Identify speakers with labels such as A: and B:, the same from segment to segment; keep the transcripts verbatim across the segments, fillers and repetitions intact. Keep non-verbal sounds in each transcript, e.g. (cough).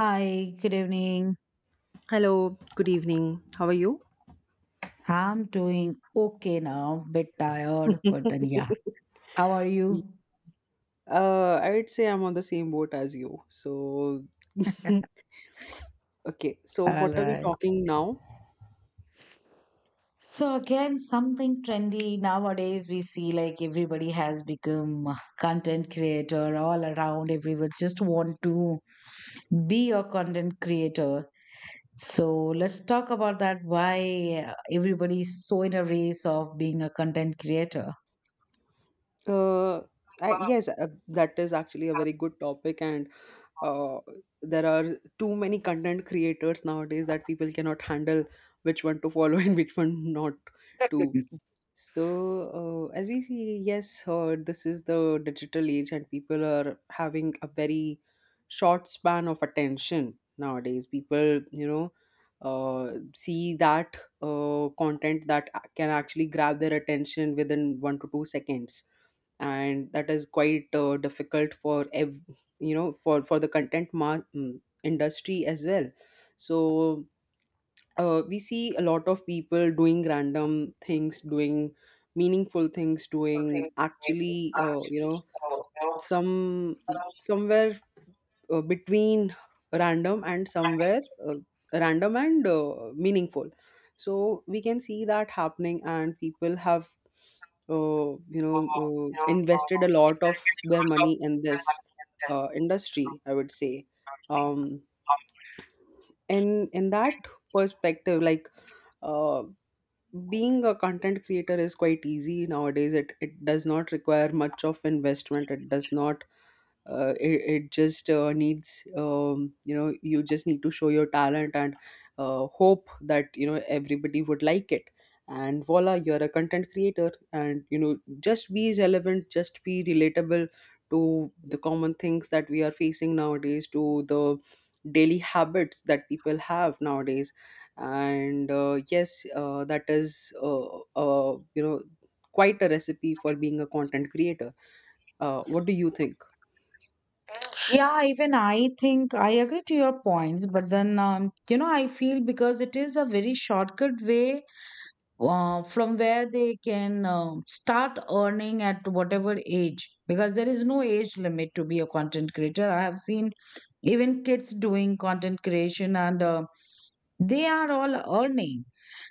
A: Hi, good evening.
B: Hello, good evening. How are you?
A: I'm doing okay now, bit tired, but then yeah. How are you?
B: Uh, I would say I'm on the same boat as you. So, (laughs)
A: (laughs)
B: okay, so
A: All
B: what are we
A: right.
B: talking now?
A: So again, something trendy nowadays we see like everybody has become a content creator all around. Everyone just want to be a content creator. So let's talk about that why uh, everybody is so in a race of being a content creator.
B: Uh, I, yes, uh, that is actually a very good topic, and uh, there are too many content creators nowadays that people cannot handle which one to follow (laughs) and which one not to.
A: (laughs)
B: So, uh, as we see, yes, uh, this is the digital age, and people are having a very short span of attention nowadays. People, you know, uh, see that uh, content that a- can actually grab their attention within one to two seconds, and that is quite uh, difficult for ev- you know for for the content ma- mm, industry as well. So, uh, we see a lot of people doing random things, doing meaningful things, doing actually, uh, you know some somewhere uh, between random and somewhere, uh, random and uh, meaningful. So we can see that happening, and people have uh, you know uh, invested a lot of their money in this uh, industry, I would say. um in in that perspective, like, uh, being a content creator is quite easy nowadays. It it does not require much of investment. It does not, uh, it, it just uh, needs, um, you know you just need to show your talent and uh, hope that, you know, everybody would like it. And voila, you're a content creator. And you know, just be relevant, just be relatable to the common things that we are facing nowadays, to the daily habits that people have nowadays. And uh, yes, uh, that is uh, uh, you know quite a recipe for being a content creator. Uh, what do you think?
A: Yeah, even I think I agree to your points, but then um, you know I feel because it is a very shortcut way uh, from where they can um start earning at whatever age because there is no age limit to be a content creator. I have seen even kids doing content creation and uh, they are all earning.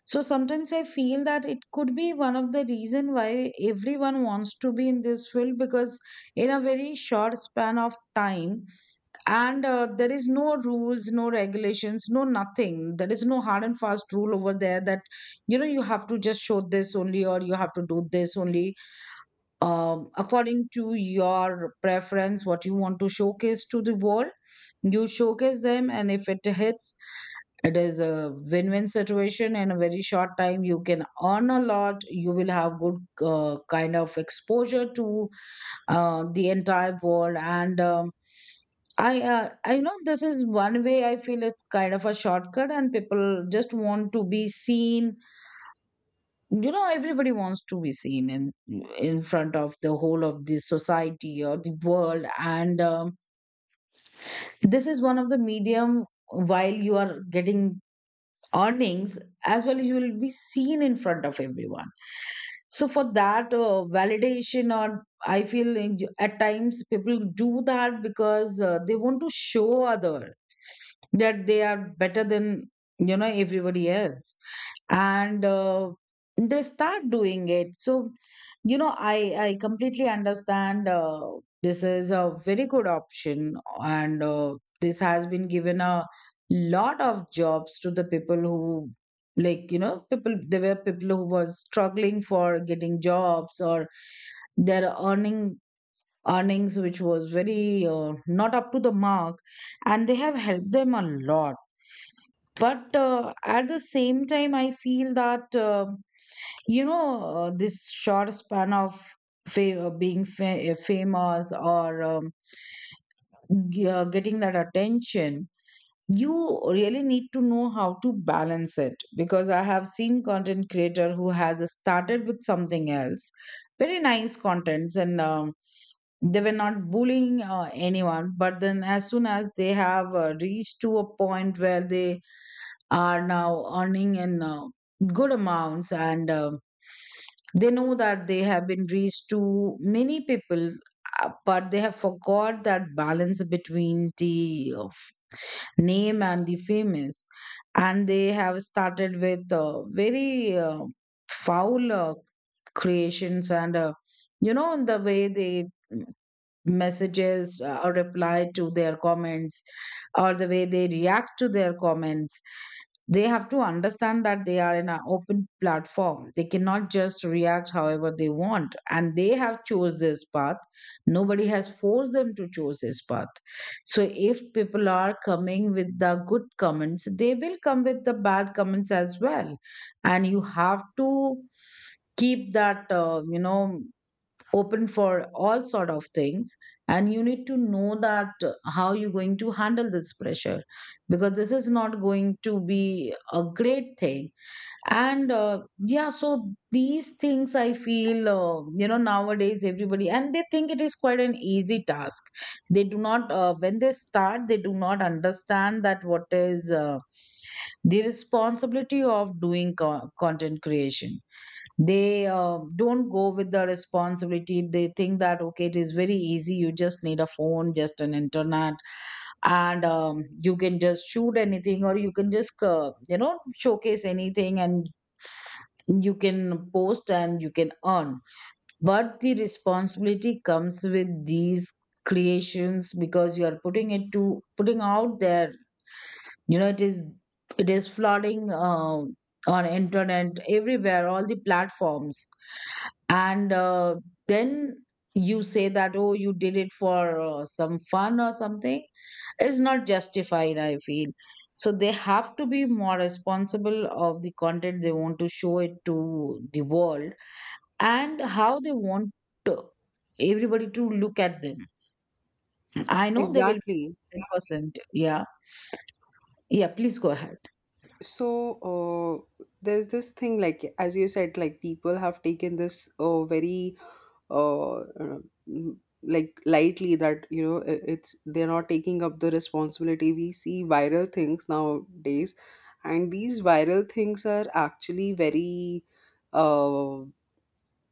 A: So sometimes I feel that it could be one of the reason why everyone wants to be in this field because in a very short span of time and uh, there is no rules, no regulations, no nothing. There is no hard and fast rule over there that you know you have to just show this only or you have to do this only. Um, according to your preference, what you want to showcase to the world, you showcase them, and if it hits, it is a win-win situation. In a very short time you can earn a lot, you will have good uh, kind of exposure to um, the entire world, and um, I, uh, I know this is one way. I feel it's kind of a shortcut, and people just want to be seen. You know, everybody wants to be seen in in front of the whole of the society or the world, and um, this is one of the medium. While you are getting earnings as well, you will be seen in front of everyone. So for that uh, validation, or I feel in- at times people do that because uh, they want to show other that they are better than, you know, everybody else, and uh, they start doing it. So you know, i i completely understand uh, this is a very good option, and uh, this has been given a lot of jobs to the people who, like you know, people, there were people who was struggling for getting jobs, or they're earning, earnings which was very uh, not up to the mark, and they have helped them a lot. But uh, at the same time I feel that uh, you know uh, this short span of fa- uh, being fa- uh, famous, or um, g- uh, getting that attention, you really need to know how to balance it, because I have seen content creator who has started with something else, very nice contents, and um, they were not bullying uh, anyone. But then as soon as they have uh, reached to a point where they are now earning in uh, good amounts, and um they know that they have been reached to many people. Uh, but they have forgot that balance between the uh, name and the famous, and they have started with uh, very uh, foul uh, creations, and uh, you know the way they messages uh, or reply to their comments, or the way they react to their comments. They have to understand that they are in an open platform. They cannot just react however they want, and they have chose this path. Nobody has forced them to choose this path. So if people are coming with the good comments, they will come with the bad comments as well, and you have to keep that uh, you know open for all sort of things, and you need to know that uh, how you're going to handle this pressure, because this is not going to be a great thing. And uh, Yeah. So these things I feel, uh, you know nowadays everybody and they think it is quite an easy task. They do not, uh, when they start they do not understand that what is uh, the responsibility of doing co- content creation. They uh, don't go with the responsibility. They think that okay, it is very easy, you just need a phone, just an internet, and um, you can just shoot anything, or you can just uh, you know showcase anything and you can post and you can earn. But the responsibility comes with these creations, because you are putting it to putting out there. You know, it is, it is flooding um, on internet everywhere, all the platforms, and uh, then you say that oh, you did it for uh, some fun or something. It's not justified, I feel. So they have to be more responsible of the content they want to show it to the world, and how they want to- everybody to look at them. I know they will be
B: Exactly.
A: one hundred percent yeah, yeah, please go ahead.
B: So, uh, there's this thing, like as you said, like people have taken this uh, very uh, uh, m-, like, lightly, that you know I- it's they're not taking up the responsibility. We see viral things nowadays, and these viral things are actually very. Uh,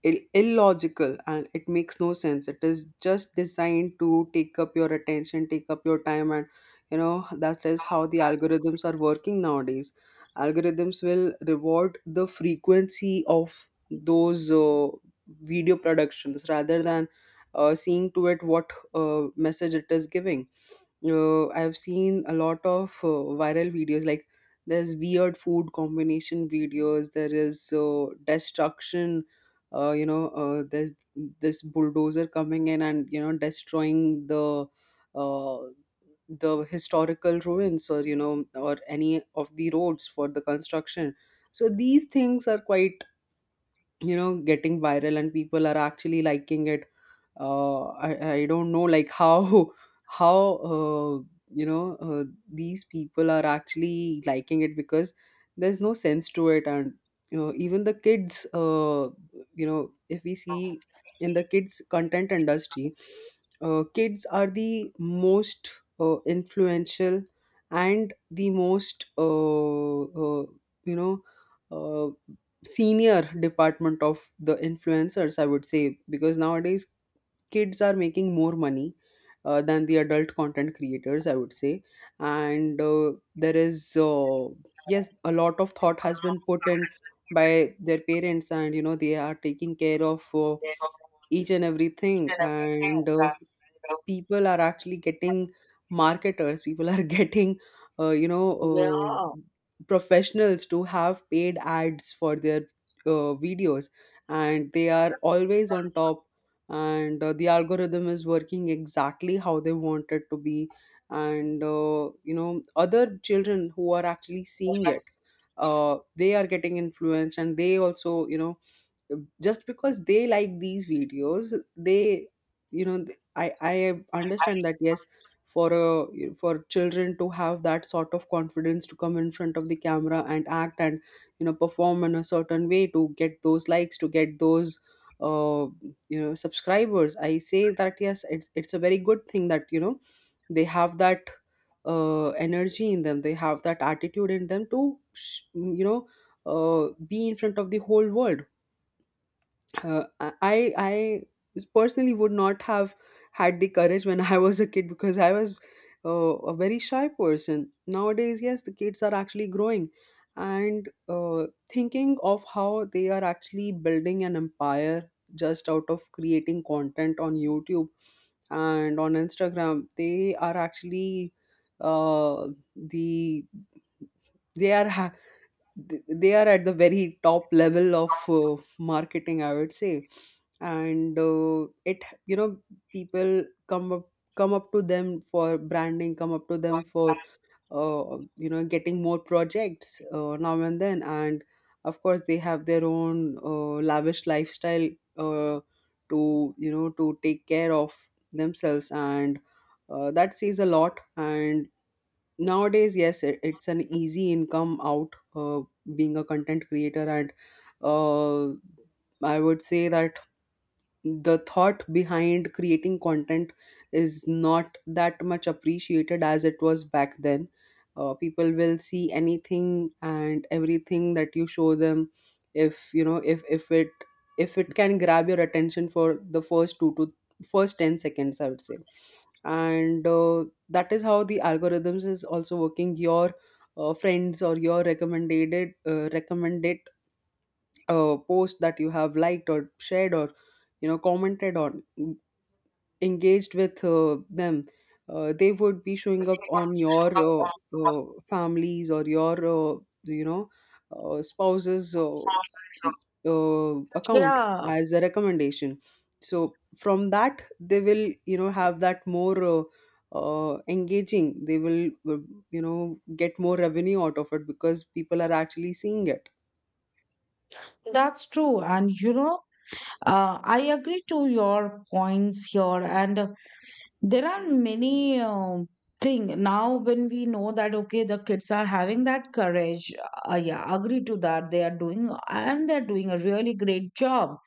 B: Ill- illogical, and it makes no sense. It is just designed to take up your attention, take up your time, and you know that is how the algorithms are working nowadays. Algorithms will reward the frequency of those uh, video productions rather than uh, seeing to it what uh, message it is giving. uh, I've seen a lot of uh, viral videos. Like there's weird food combination videos. There is uh, destruction. Uh, you know, uh, there's this bulldozer coming in and you know destroying the uh, the historical ruins, or you know, or any of the roads for the construction. So these things are quite, you know, getting viral, and people are actually liking it. Uh, I, I don't know, like how (laughs) how, uh, you know uh, these people are actually liking it, because there's no sense to it. And you know, even the kids, uh, you know, if we see in the kids content industry, uh, kids are the most uh, influential and the most, uh, uh, you know uh, senior department of the influencers, I would say, because nowadays kids are making more money, uh, than the adult content creators, I would say. And uh, there is, uh, yes, a lot of thought has been put in by their parents, and you know they are taking care of uh, each and everything. And uh, people are actually getting marketers, people are (laughs) getting uh, you know
A: Yeah,
B: uh, professionals to have paid ads for their uh, videos, and they are always on top. And uh, the algorithm is working exactly how they want it to be. And uh, you know, other children who are actually seeing it, uh, they are getting influenced, and they also, you know, just because they like these videos, they, you know, th- i i understand that yes, for a, for children to have that sort of confidence to come in front of the camera and act and, you know, perform in a certain way to get those likes, to get those uh you know subscribers, I say that yes, it's it's a very good thing that, you know, they have that uh energy in them, they have that attitude in them to sh- you know, uh, be in front of the whole world. Uh, I I personally would not have had the courage when I was a kid because I was, uh, a very shy person. Nowadays, yes, the kids are actually growing and, uh, thinking of how they are actually building an empire just out of creating content on YouTube and on Instagram. They are actually, uh, the they are ha- th- they are at the very top level of uh, marketing, I would say. And uh, it you know, people come up, come up to them for branding, come up to them for, uh, you know, getting more projects uh, now and then. And of course they have their own uh, lavish lifestyle, uh, to, you know, to take care of themselves. And uh, that says a lot. And nowadays, yes, it, it's an easy income out, uh, being a content creator. And, uh, I would say that the thought behind creating content is not that much appreciated as it was back then. Uh, people will see anything and everything that you show them, if you know, if if it, if it can grab your attention for the first two to first ten seconds, I would say. And uh, that is how the algorithms is also working. Your uh, friends or your recommended, uh, recommended uh, post that you have liked or shared or, you know, commented on, en- engaged with, uh, them, uh, they would be showing up on your, uh, uh, families or your, uh, you know uh, spouse's, uh, uh, account
A: yeah.
B: as a recommendation. So from that they will, you know, have that more, uh, uh, engaging, they will, uh, you know, get more revenue out of it because people are actually seeing it.
A: That's true. And you know, uh, I agree to your points here. And uh, There are many um thing now, when we know that, okay, the kids are having that courage. Uh, yeah, agree to that. They are doing, and they're doing a really great job.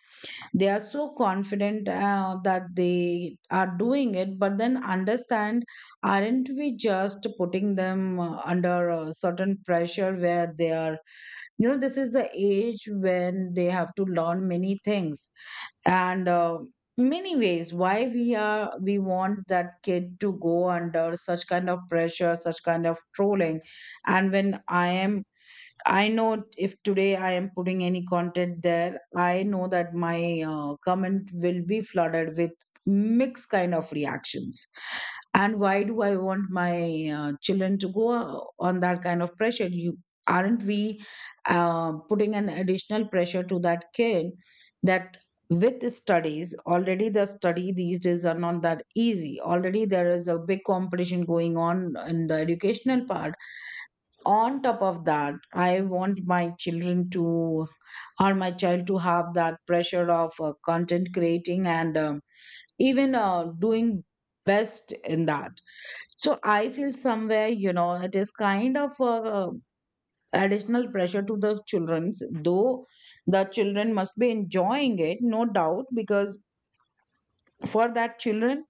A: They are so confident uh, that they are doing it. But then understand, aren't we just putting them uh, under a certain pressure, where they are, you know, this is the age when they have to learn many things, and uh, many ways. Why we are, we want that kid to go under such kind of pressure, such kind of trolling. And when I am, I know if today I am putting any content there, I know that my uh, comment will be flooded with mixed kind of reactions. And why do I want my uh, children to go uh, on that kind of pressure? You, aren't we uh, putting an additional pressure to that kid, that with studies already, the study these days are not that easy, already there is a big competition going on in the educational part. On top of that, I want my children to, or my child to have that pressure of uh, content creating, and um, even uh, doing best in that. So I feel somewhere, you know, it is kind of a, uh, additional pressure to the children's. Though the children must be enjoying it, no doubt, because for that children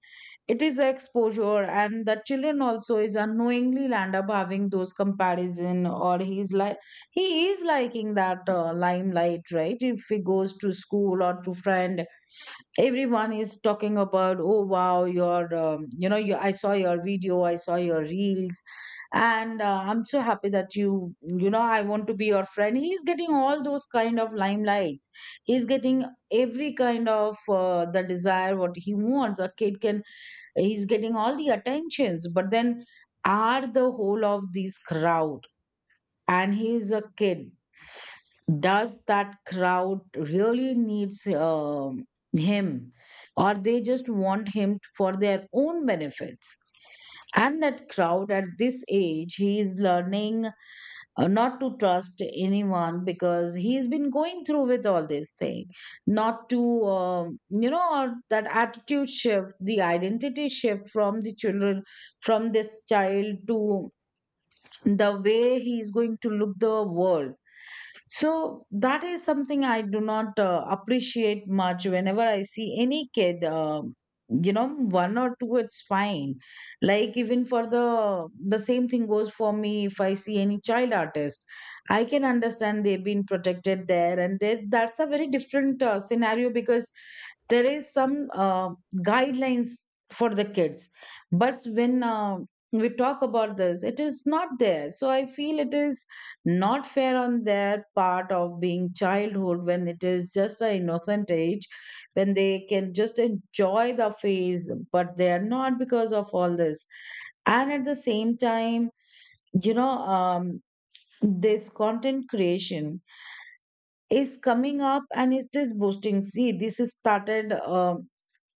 A: it is a exposure, and the children also is unknowingly land up having those comparison, or he's like, he is liking that uh, limelight, right? If he goes to school or to friend, everyone is talking about oh wow, your um, you know you, I saw your video, I saw your reels, and uh, I'm so happy that you you know, I want to be your friend. He's getting all those kind of limelights. He's getting every kind of uh, the desire what he wants, a kid can. He's getting all the attentions. But then, are the whole of this crowd, and he is a kid, does that crowd really needs um, him, or they just want him for their own benefits? And that crowd at this age, he is learning uh, not to trust anyone, because he's been going through with all this thing. Not to um, you know or that attitude shift, the identity shift from the children, from this child to the way he's going to look the world. So that is something I do not uh, appreciate much, whenever I see any kid. Um, you know, one or two it's fine, like even for the the same thing goes for me. If I see any child artist, I can understand they've been protected there, and they, that's a very different uh, scenario, because there is some uh, guidelines for the kids. But when uh, we talk about this, it is not there. So I feel it is not fair on their part of being childhood, when it is just an innocent age, when they can just enjoy the phase, but they are not, because of all this. And at the same time, you know, um, this content creation is coming up and it is boosting. See, this is started um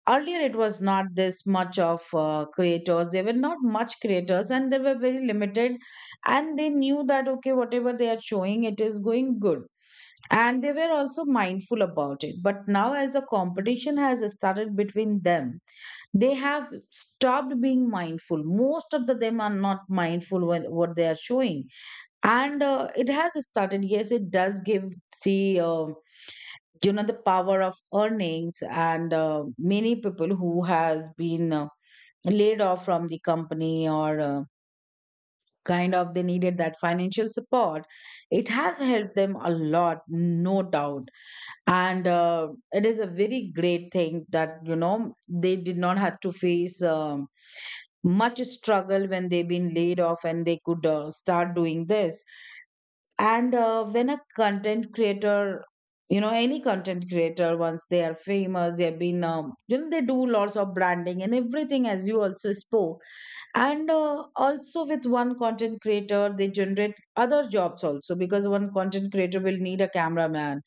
A: earlier, it was not this much of uh, creators, there were not much creators, and they were very limited, and they knew that okay, whatever they are showing it is going good, and they were also mindful about it. But now as the competition has started between them, they have stopped being mindful. Most of the them are not mindful when what they are showing, and uh, it has started. Yes, it does give the uh, you know the power of earnings, and uh, many people who has been uh, laid off from the company, or uh, kind of they needed that financial support, it has helped them a lot, no doubt. And uh, it is a very great thing that you know, they did not have to face um, much struggle when they've been laid off, and they could uh, start doing This. And uh, when a content creator, you know, any content creator, once they are famous, they've been, um, you know, they do lots of branding and everything, as you also spoke. And uh, also with one content creator, they generate other jobs also, because one content creator will need a cameraman.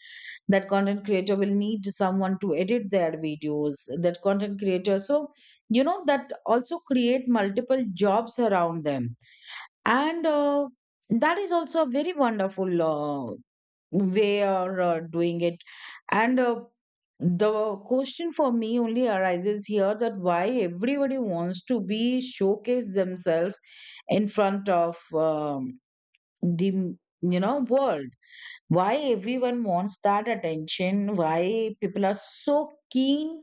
A: That content creator will need someone to edit their videos. That content creator, so you know, that also create multiple jobs around them. And uh, that is also a very wonderful uh, way or uh, doing it. And uh, the question for me only arises here, that why everybody wants to be showcase themselves in front of um, the you know world. Why everyone wants that attention, why people are so keen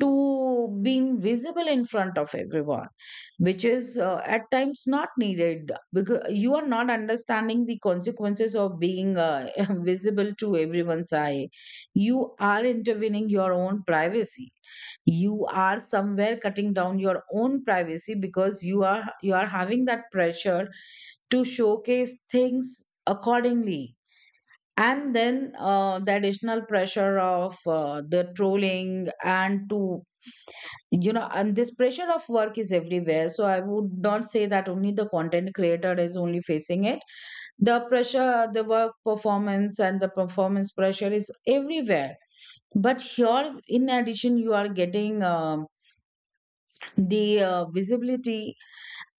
A: to being visible in front of everyone, which is uh, at times not needed, because you are not understanding the consequences of being uh, (laughs) visible to everyone's eye. You are intervening your own privacy, you are somewhere cutting down your own privacy, because you are you are having that pressure to showcase things accordingly. And then uh, the additional pressure of uh, the trolling and to you know and this pressure of work is everywhere. So I would not say that only the content creator is only facing it. The pressure, the work performance and the performance pressure is everywhere, but here in addition you are getting um, the uh, visibility.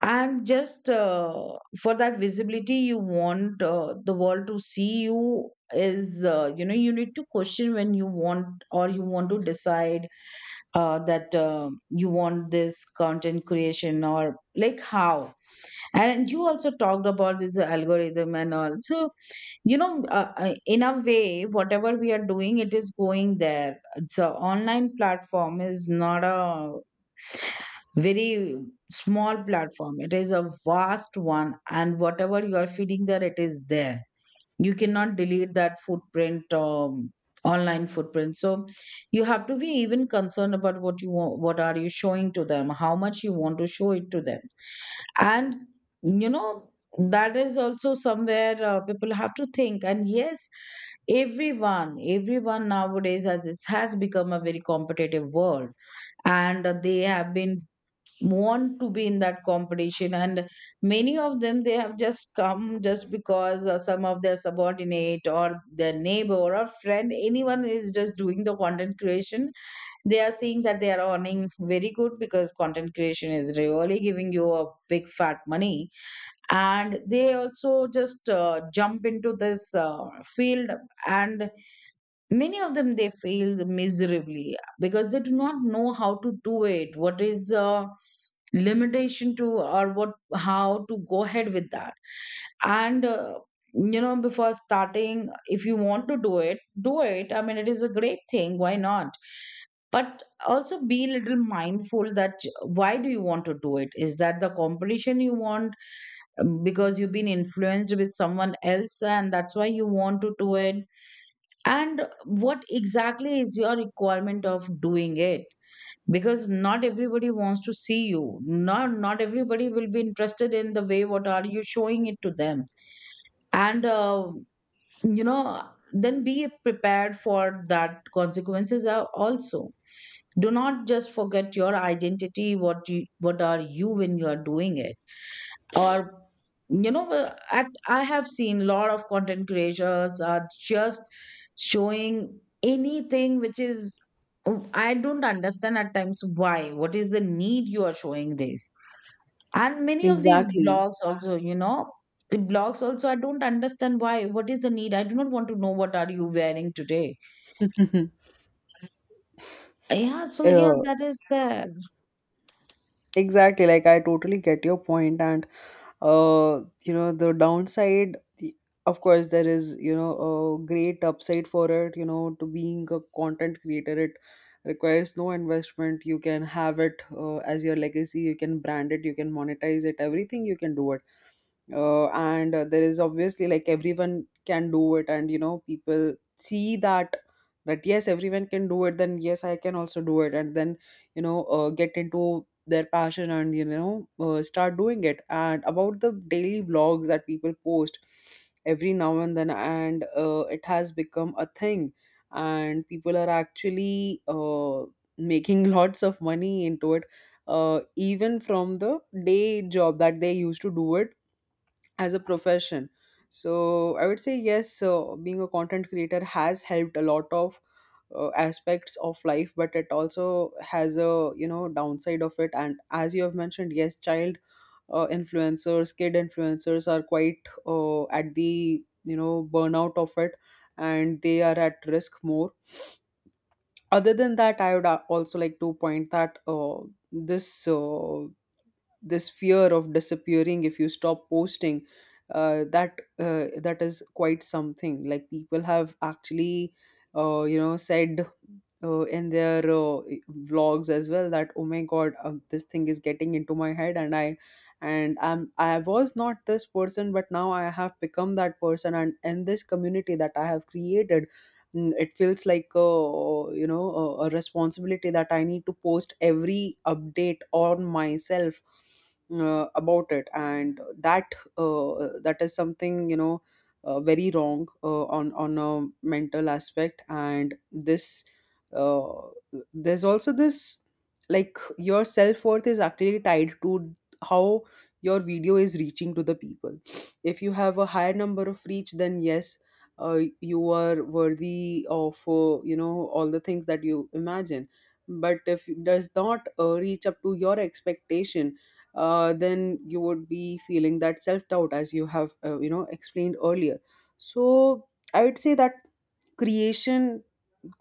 A: And just uh, for that visibility you want uh, the world to see you, is uh, you know you need to question when you want, or you want to decide uh, that um you want this content creation, or like how. And you also talked about this algorithm and all. So you know uh, uh, in a way, whatever we are doing, it is going there. So online platform is not a very small platform, it is a vast one, and whatever you are feeding there, it is there. You cannot delete that footprint, um, online footprint. So you have to be even concerned about what you want, what are you showing to them, how much you want to show it to them. And you know that is also somewhere uh, people have to think. And yes, everyone everyone nowadays, as it has become a very competitive world, and they have been want to be in that competition. And many of them, they have just come just because uh, some of their subordinate or their neighbor or friend, anyone is just doing the content creation. They are seeing that they are earning very good, because content creation is really giving you a big fat money, and they also just uh, jump into this uh, field. And many of them they fail miserably, because they do not know how to do it, what is the limitation to, or what, how to go ahead with that. And uh, you know before starting, if you want to do it, do it. I mean, it is a great thing, why not? But also be a little mindful that why do you want to do it. Is that the competition you want, um, because you've been influenced with someone else, and that's why you want to do it? And what exactly is your requirement of doing it? Because not everybody wants to see you, not not everybody will be interested in the way what are you showing it to them. And uh, you know then be prepared for that, consequences are also. Do not just forget your identity, what you, what are you when you are doing it. Or you know well, at I have seen a lot of content creators are just showing anything which is, oh, I don't understand at times why, what is the need you are showing this. And many of these
B: Exactly.
A: blogs also, you know, the blogs also, I don't understand why, what is the need. I do not want to know what are you wearing today.
B: (laughs)
A: Yeah, so yeah,
B: uh,
A: that is there.
B: Exactly, like I totally get your point. And, uh, you know, the downside. The, of course, there is, you know, a great upside for it. You know, to being a content creator, it requires no investment. You can have it uh, as your legacy. You can brand it. You can monetize it. Everything you can do it. Uh, and uh, there is obviously, like, everyone can do it, and you know people see that, that yes, everyone can do it, then yes, I can also do it, and then, you know, uh, get into their passion and, you know, uh, start doing it. And about the daily vlogs that people post every now and then, and uh, it has become a thing, and people are actually, uh, making (laughs) lots of money into it, uh, even from the day job that they used to do it as a profession. So I would say yes, so being a content creator has helped a lot of uh, aspects of life, but it also has a, you know, downside of it. And as you have mentioned, yes, child uh, influencers, kid influencers are quite uh, at the, you know, burnout of it, and they are at risk more. Other than that, I would a- also like to point that, uh, this uh, this fear of disappearing if you stop posting, uh, that uh, that is quite something, like people have actually, uh, you know said, uh, in their uh, vlogs as well, that oh my god, um, this thing is getting into my head, and I and I'm I was not this person, but now I have become that person, and in this community that I have created. Mm, it feels like a, you know, a, a responsibility that I need to post every update on myself, uh, about it. And that, uh, that is something, you know, uh, very wrong, uh, on on a mental aspect. And this, uh, there's also this, like your self-worth is actually tied to how your video is reaching to the people. If you have a higher number of reach, then yes, uh, you are worthy of, uh, you know, all the things that you imagine. But if it does not, uh, reach up to your expectation, uh, then you would be feeling that self doubt, as you have, uh, you know, explained earlier. So I would say that creation,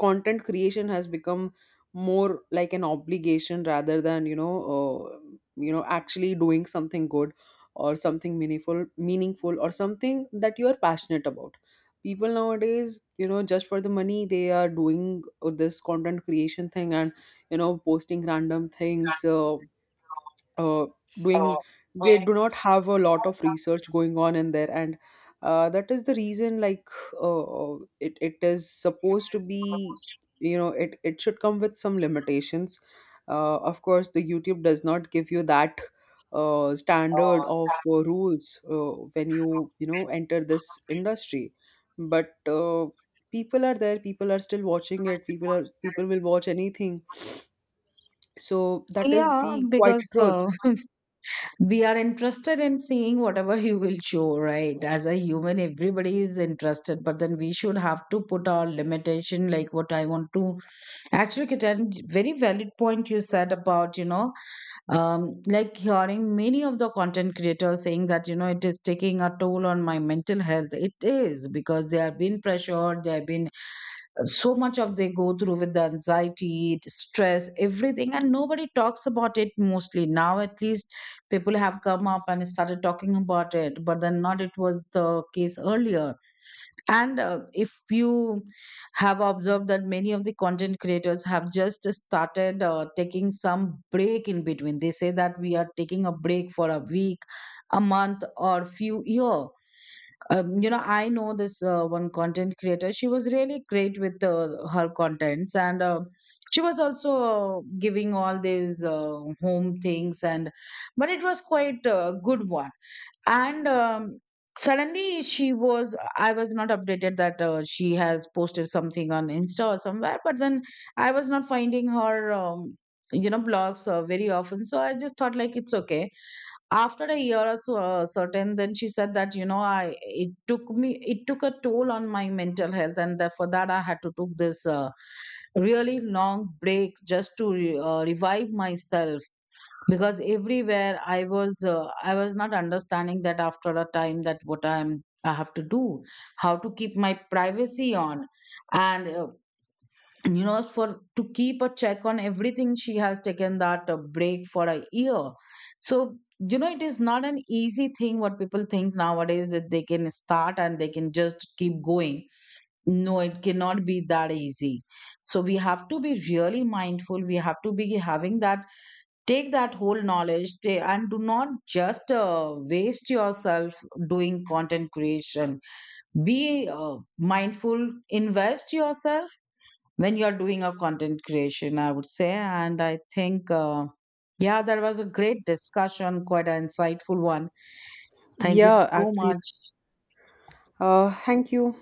B: content creation has become more like an obligation rather than, you know uh, you know, actually doing something good or something meaningful, meaningful or something that you are passionate about. People nowadays, you know, just for the money, they are doing uh, this content creation thing, and, you know, posting random things, uh, uh, doing, they do not have a lot of research going on in there. And uh, that is the reason, like, uh, uh, it, it is supposed to be, you know, it, it should come with some limitations. Uh, of course, the YouTube does not give you that uh, standard of uh, rules uh, when you you know, enter this industry. But uh, people are there, people are still watching it, people are, people will watch anything. So that is
A: Yeah,
B: the quite
A: because
B: truth.
A: uh, we are interested in seeing whatever you will show, right? As a human everybody is interested, but then we should have to put our limitation, like what I want to actually get. A very valid point you said about you know um like hearing many of the content creators saying that, you know, it is taking a toll on my mental health. It is because they have been pressured, they have been so much of, they go through with the anxiety, stress, everything, and nobody talks about it. Mostly now, at least people have come up and started talking about it, but then not, it was the case earlier. And uh, if you have observed that many of the content creators have just started uh, taking some break in between. They say that we are taking a break for a week, a month or few year. um, you know I know this uh, one content creator, she was really great with uh, her contents, and uh, she was also uh, giving all these uh, home things, and but it was quite a good one. And um, suddenly she was, I was not updated that uh, she has posted something on insta or somewhere, but then I was not finding her um, you know blogs uh, very often. So I just thought like, it's okay. After a year or so uh, certain, then she said that, you know, I, it took me, it took a toll on my mental health, and that, for that, I had to took this uh, really long break just to re- uh, revive myself. Because everywhere I was, uh, I was not understanding that after a time that what I'm, I have to do, how to keep my privacy on. And uh, you know for to keep a check on everything, she has taken that uh, break for a year. So you know it is not an easy thing what people think nowadays, that they can start and they can just keep going. No, it cannot be that easy. So we have to be really mindful, we have to be having that, take that whole knowledge ta- and do not just uh, waste yourself doing content creation. Be uh, mindful, invest yourself when you're doing a content creation, I would say. And I think uh, yeah, that was a great discussion, quite an insightful one. Thank you
B: Yeah,
A: so
B: actually.
A: much.
B: Uh, thank you.